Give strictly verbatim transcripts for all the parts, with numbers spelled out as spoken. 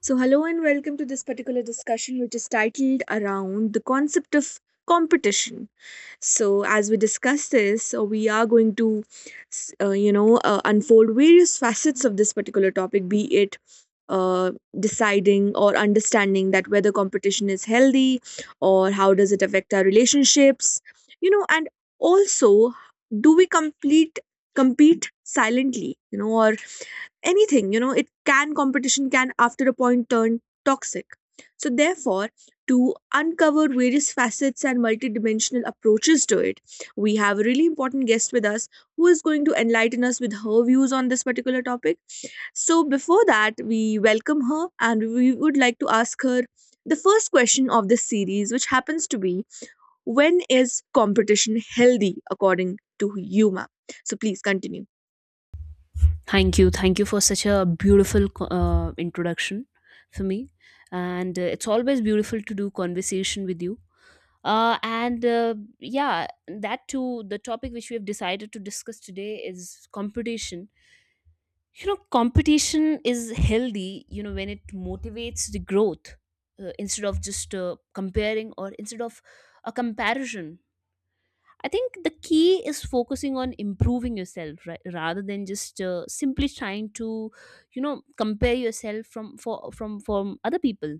So, hello and welcome to this particular discussion, which is titled around the concept of competition. So, as we discuss this, uh, we are going to, s- uh, you know, uh, unfold various facets of this particular topic, be it uh, deciding or understanding that whether competition is healthy or how does it affect our relationships, you know, and also do we complete compete silently, you know, or anything, you know, it can competition can after a point turn toxic, so therefore to uncover various facets and multidimensional approaches to it. We have a really important guest with us who is going to enlighten us with her views on this particular topic. So, before that, we welcome her and we would like to ask her the first question of this series, which happens to be, when is competition healthy according to you, ma'am? So, please continue. Thank you. Thank you for such a beautiful co- uh, introduction for me. And uh, it's always beautiful to do conversation with you. Uh, and uh, yeah, that too, the topic which we have decided to discuss today is competition. You know, competition is healthy, you know, when it motivates the growth uh, instead of just uh, comparing or instead of a comparison. I think the key is focusing on improving yourself, right, rather than just uh, simply trying to, you know, compare yourself from for from from other people.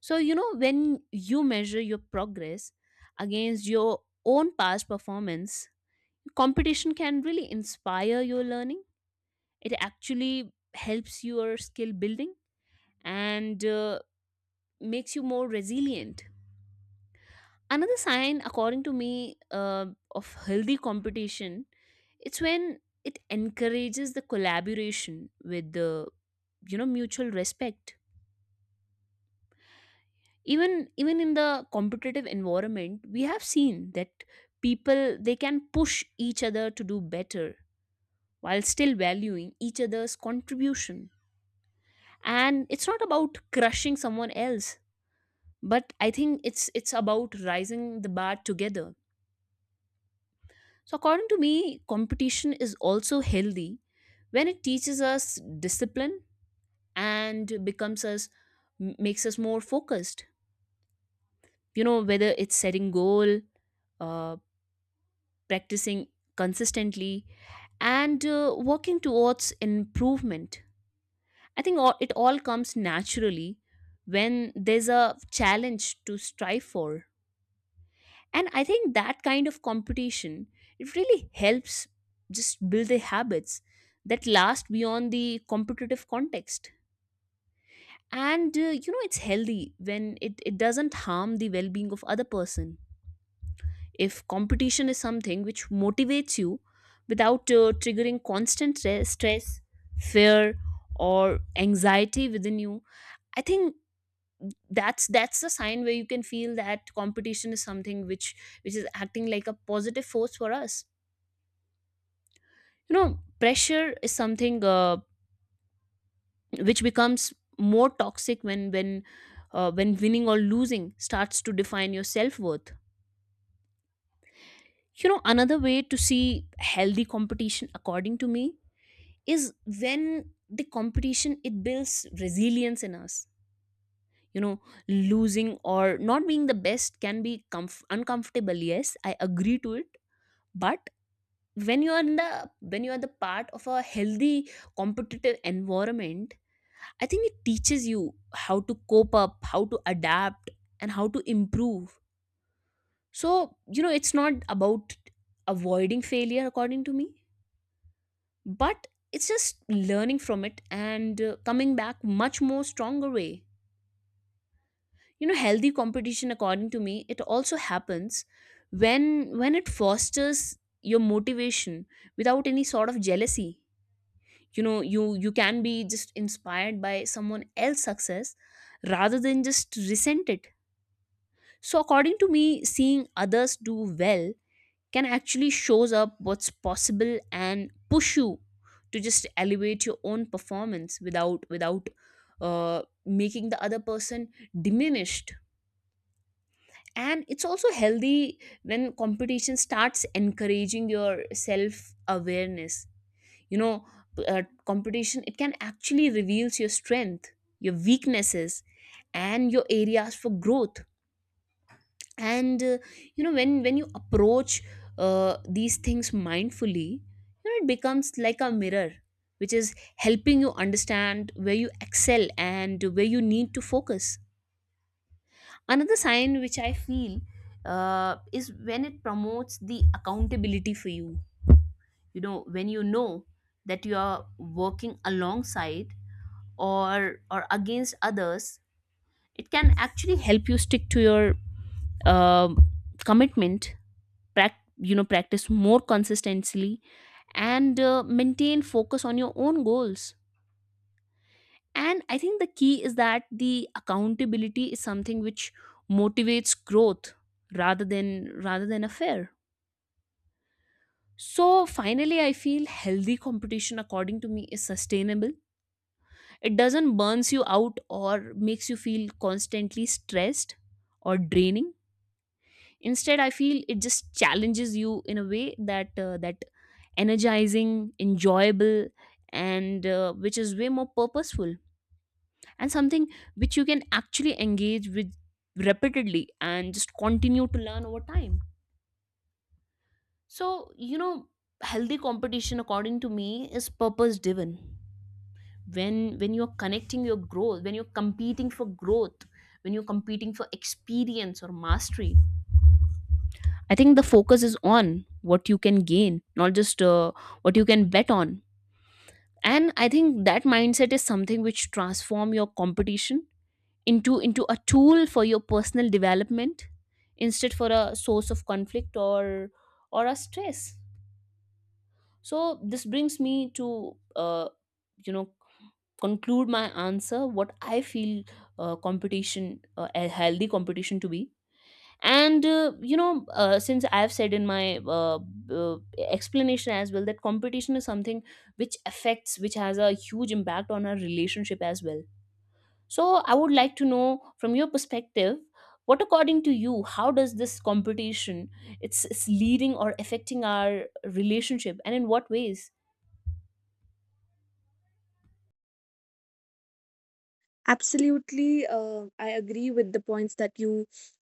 So you know, when you measure your progress against your own past performance, competition can really inspire your learning. It actually helps your skill building and uh, makes you more resilient. Another sign, according to me, uh, of healthy competition, it's when it encourages the collaboration with the, you know, mutual respect. Even even in the competitive environment, we have seen that people they can push each other to do better while still valuing each other's contribution. And it's not about crushing someone else, but I think it's it's about rising the bar together. So, according to me, competition is also healthy when it teaches us discipline and becomes us m- makes us more focused. You know, whether it's setting goal, uh, practicing consistently, and uh, working towards improvement. I think all, it all comes naturally when there's a challenge to strive for. And I think that kind of competition, it really helps just build the habits that last beyond the competitive context. And uh, you know, it's healthy when it, it doesn't harm the well-being of other person. If competition is something which motivates you without uh, triggering constant stre- stress, fear, or anxiety within you, I think that's that's the sign where you can feel that competition is something which which is acting like a positive force for us. You know, pressure is something uh, which becomes more toxic when when uh, when winning or losing starts to define your self-worth. You know, another way to see healthy competition, according to me, is when the competition it builds resilience in us. You know, losing or not being the best can be comf- uncomfortable, yes, I agree to it. But when you are in the when you are the part of a healthy competitive environment, I think it teaches you how to cope up, how to adapt, and how to improve. So, you know, it's not about avoiding failure, according to me, but it's just learning from it and uh, coming back much more stronger way. You know, healthy competition, according to me, it also happens when when it fosters your motivation without any sort of jealousy. You know, you you can be just inspired by someone else's success rather than just resent it. So according to me, seeing others do well can actually shows up what's possible and push you to just elevate your own performance without without uh, making the other person diminished. And it's also healthy when competition starts encouraging your self awareness. You know, uh, competition it can actually reveals your strength, your weaknesses, and your areas for growth. And uh, you know, when when you approach uh, these things mindfully, you know it becomes like a mirror which is helping you understand where you excel and where you need to focus. Another sign which I feel uh, is when it promotes the accountability for you. You know, when you know that you are working alongside or or against others, it can actually help you stick to your um commitment, prac- you know, practice more consistently, and uh, maintain focus on your own goals. And I think the key is that the accountability is something which motivates growth rather than rather than a fear. So finally, I feel healthy competition according to me is sustainable. It doesn't burns you out or makes you feel constantly stressed or draining. Instead, I feel it just challenges you in a way that uh, that energizing, enjoyable, and uh, which is way more purposeful, and something which you can actually engage with repeatedly and just continue to learn over time. So, you know, healthy competition according to me is purpose driven. When when you're connecting your growth, when you're competing for growth, when you're competing for experience or mastery, I think the focus is on what you can gain, not just uh, what you can bet on. And I think that mindset is something which transform your competition into into a tool for your personal development, instead for a source of conflict or or a stress. So this brings me to uh, you know, conclude my answer what I feel uh, competition uh, a healthy competition to be. And uh, you know, uh, since I've said in my uh, uh, explanation as well that competition is something which affects which has a huge impact on our relationship as well. So I would like to know from your perspective, what according to you, how does this competition it's, it's leading or affecting our relationship and in what ways? Absolutely, uh, I agree with the points that you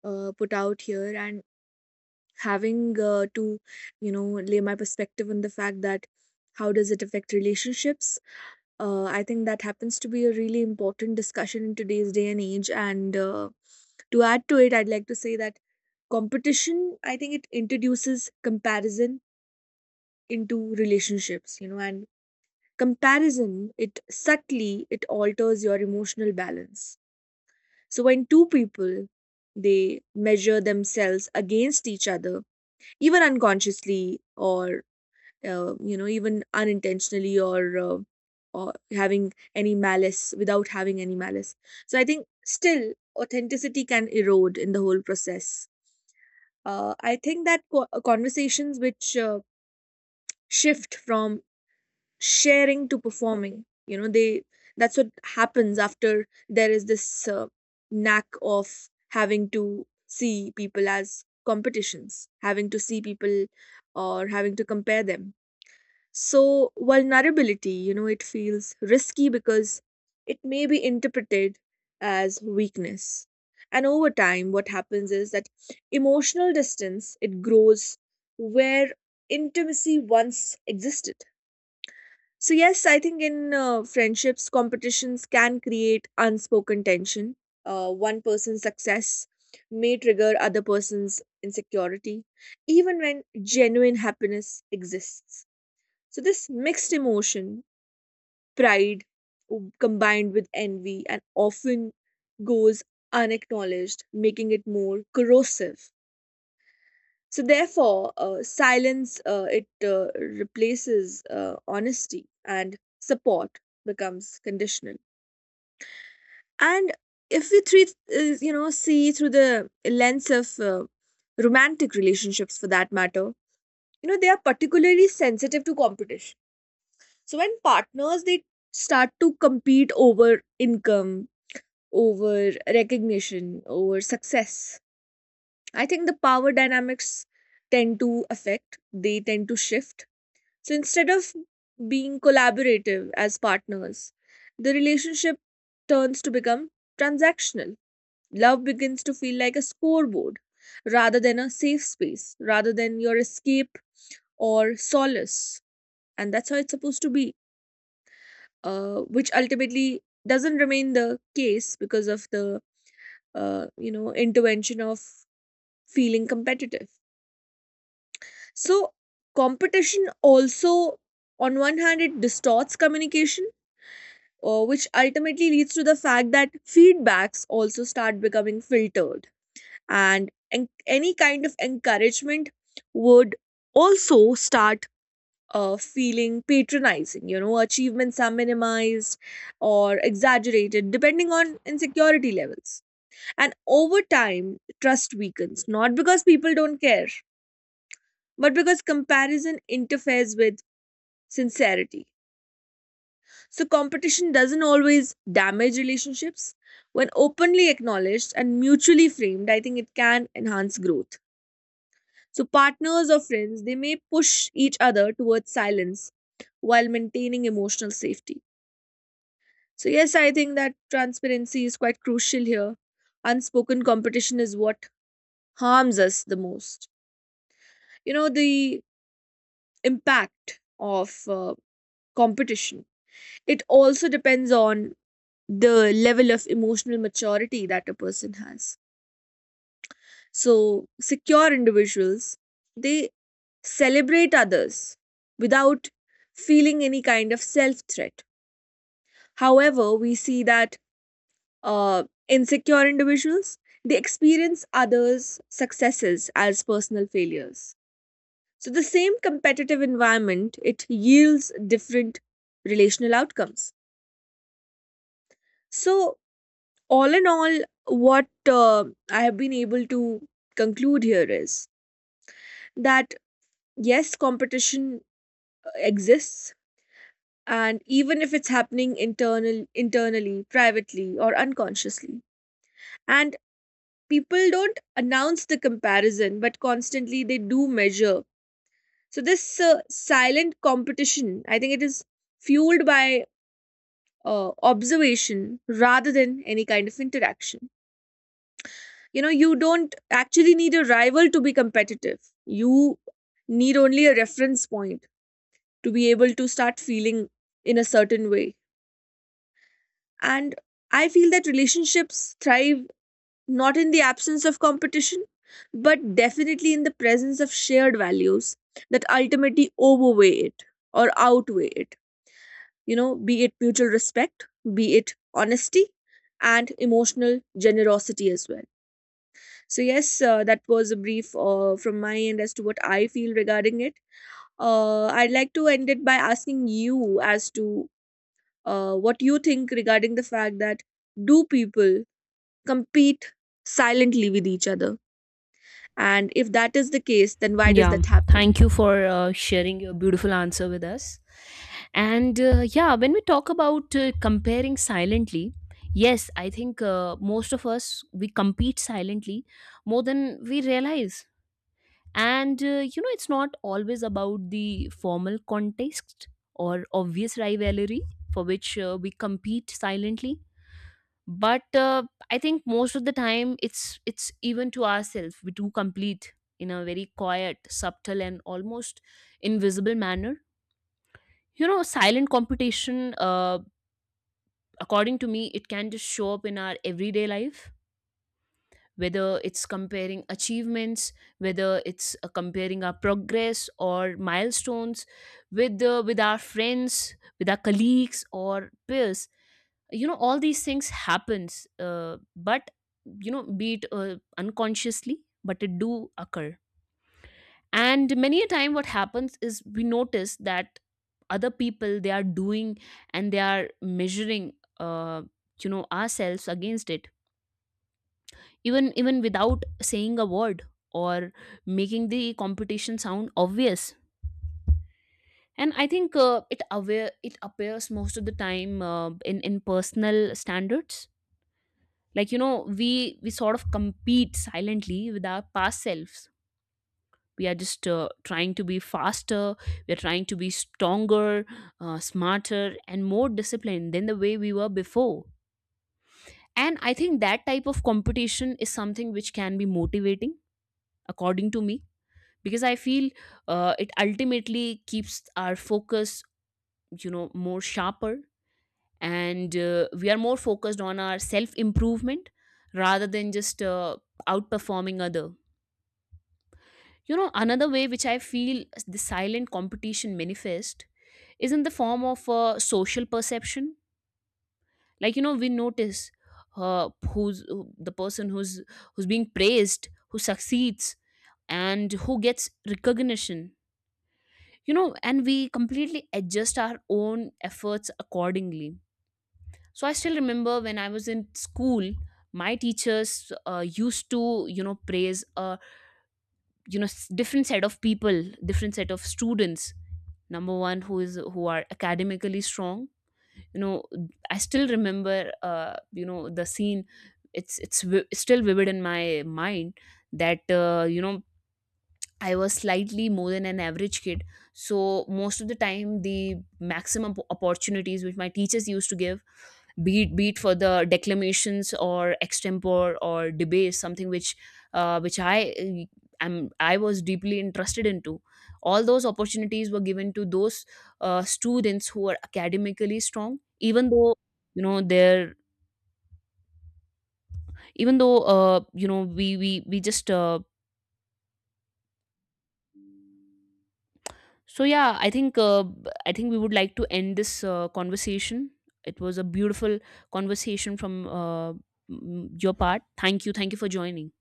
uh, put out here, and having uh, to, you know, lay my perspective on the fact that how does it affect relationships. uh, I think that happens to be a really important discussion in today's day and age, and uh, to add to it, I'd like to say that competition, I think it introduces comparison into relationships, you know, and comparison, it subtly, it alters your emotional balance. So when two people, they measure themselves against each other, even unconsciously or, uh, you know, even unintentionally, or uh, or having any malice, without having any malice, so I think still authenticity can erode in the whole process. uh, I think that co- uh, conversations which uh, shift from sharing to performing, you know, they, that's what happens after there is this uh, knack of having to see people as competitions, having to see people or having to compare them. So, vulnerability, you know, it feels risky because it may be interpreted as weakness. And over time, what happens is that emotional distance, it grows where intimacy once existed. So, yes, I think in uh, friendships, competitions can create unspoken tension. Uh, one person's success may trigger other person's insecurity, even when genuine happiness exists. So, this mixed emotion, pride w- combined with envy, and often goes unacknowledged, making it more corrosive. So, therefore, uh, silence, uh, it uh, replaces uh, honesty, and support becomes conditional. And if we treat, uh, you know, see through the lens of uh, romantic relationships, for that matter, you know, they are particularly sensitive to competition. So when partners, they start to compete over income, over recognition, over success, I think the power dynamics tend to affect, they tend to shift. So instead of being collaborative as partners, the relationship turns to become transactional. Love begins to feel like a scoreboard rather than a safe space, rather than your escape or solace. And that's how it's supposed to be, uh, which ultimately doesn't remain the case because of the uh, you know, intervention of feeling competitive. So competition also, on one hand, it distorts communication, uh, which ultimately leads to the fact that feedbacks also start becoming filtered, and en- any kind of encouragement would also start uh, feeling patronizing. You know, achievements are minimized or exaggerated depending on insecurity levels. And over time, trust weakens, not because people don't care, but because comparison interferes with sincerity. So, competition doesn't always damage relationships. When openly acknowledged and mutually framed, I think it can enhance growth. So, partners or friends, they may push each other towards silence while maintaining emotional safety. So, yes, I think that transparency is quite crucial here. Unspoken competition is what harms us the most. You know, the impact of uh, competition, it also depends on the level of emotional maturity that a person has. So, secure individuals, they celebrate others without feeling any kind of self threat. However, we see that uh, insecure individuals, they experience others successes as personal failures. So the same competitive environment, it yields different relational outcomes. So all in all, what uh, I have been able to conclude here is that yes, competition uh, exists, and even if it's happening internal internally, privately, or unconsciously, and people don't announce the comparison, but constantly they do measure. So this uh, silent competition, I think it is fueled by uh, observation rather than any kind of interaction. You know, you don't actually need a rival to be competitive, you need only a reference point to be able to start feeling in a certain way. And I feel that relationships thrive not in the absence of competition, but definitely in the presence of shared values that ultimately overweigh it or outweigh it. You know, be it mutual respect, be it honesty, and emotional generosity as well. So, yes, uh, that was a brief uh, from my end as to what I feel regarding it. Uh, I'd like to end it by asking you as to uh, what you think regarding the fact that do people compete silently with each other? And if that is the case, then why does Yeah, that happen? thank you for uh, sharing your beautiful answer with us. And uh, yeah, when we talk about uh, comparing silently, yes, I think uh, most of us we compete silently more than we realize. And uh, you know, it's not always about the formal context or obvious rivalry for which uh, we compete silently, but uh, I think most of the time it's it's even to ourselves we do complete in a very quiet, subtle, and almost invisible manner. You know, silent competition, uh, according to me, it can just show up in our everyday life, whether it's comparing achievements, whether it's uh, comparing our progress or milestones with uh, with our friends, with our colleagues or peers. You know, all these things happens, uh, but you know, be it uh, unconsciously, but it do occur. And many a time what happens is we notice that other people they are doing and they are measuring, uh, you know, ourselves against it, even even without saying a word or making the competition sound obvious. And I think uh, it aware it appears most of the time uh, in in personal standards, like you know, we we sort of compete silently with our past selves. We are just uh, trying to be faster, we are trying to be stronger, uh, smarter, and more disciplined than the way we were before. And I think that type of competition is something which can be motivating according to me, because I feel uh, it ultimately keeps our focus, you know, more sharper, and uh, we are more focused on our self improvement rather than just uh, outperforming other. You know, another way which I feel the silent competition manifest is in the form of uh, social perception. Like you know, we notice uh, who's who- the person who's who's being praised, who succeeds, and who gets recognition. You know, and we completely adjust our own efforts accordingly. So I still remember when I was in school, my teachers uh, used to you know praise a you know s- different set of people, different set of students. Number one, who is who are academically strong, you know, I still remember, uh, you know, the scene, it's it's vi- still vivid in my mind, that uh, you know, I was slightly more than an average kid. So most of the time, the maximum op- opportunities which my teachers used to give, be it, be it for the declamations or extempore or debate, something which uh, which I uh, am I was deeply interested into. All those opportunities were given to those uh, students who were academically strong, even though you know their, even though uh, you know we we we just uh, So yeah, I think uh, b- I think we would like to end this uh, conversation. It was a beautiful conversation from uh, m- your part. Thank you, thank you for joining.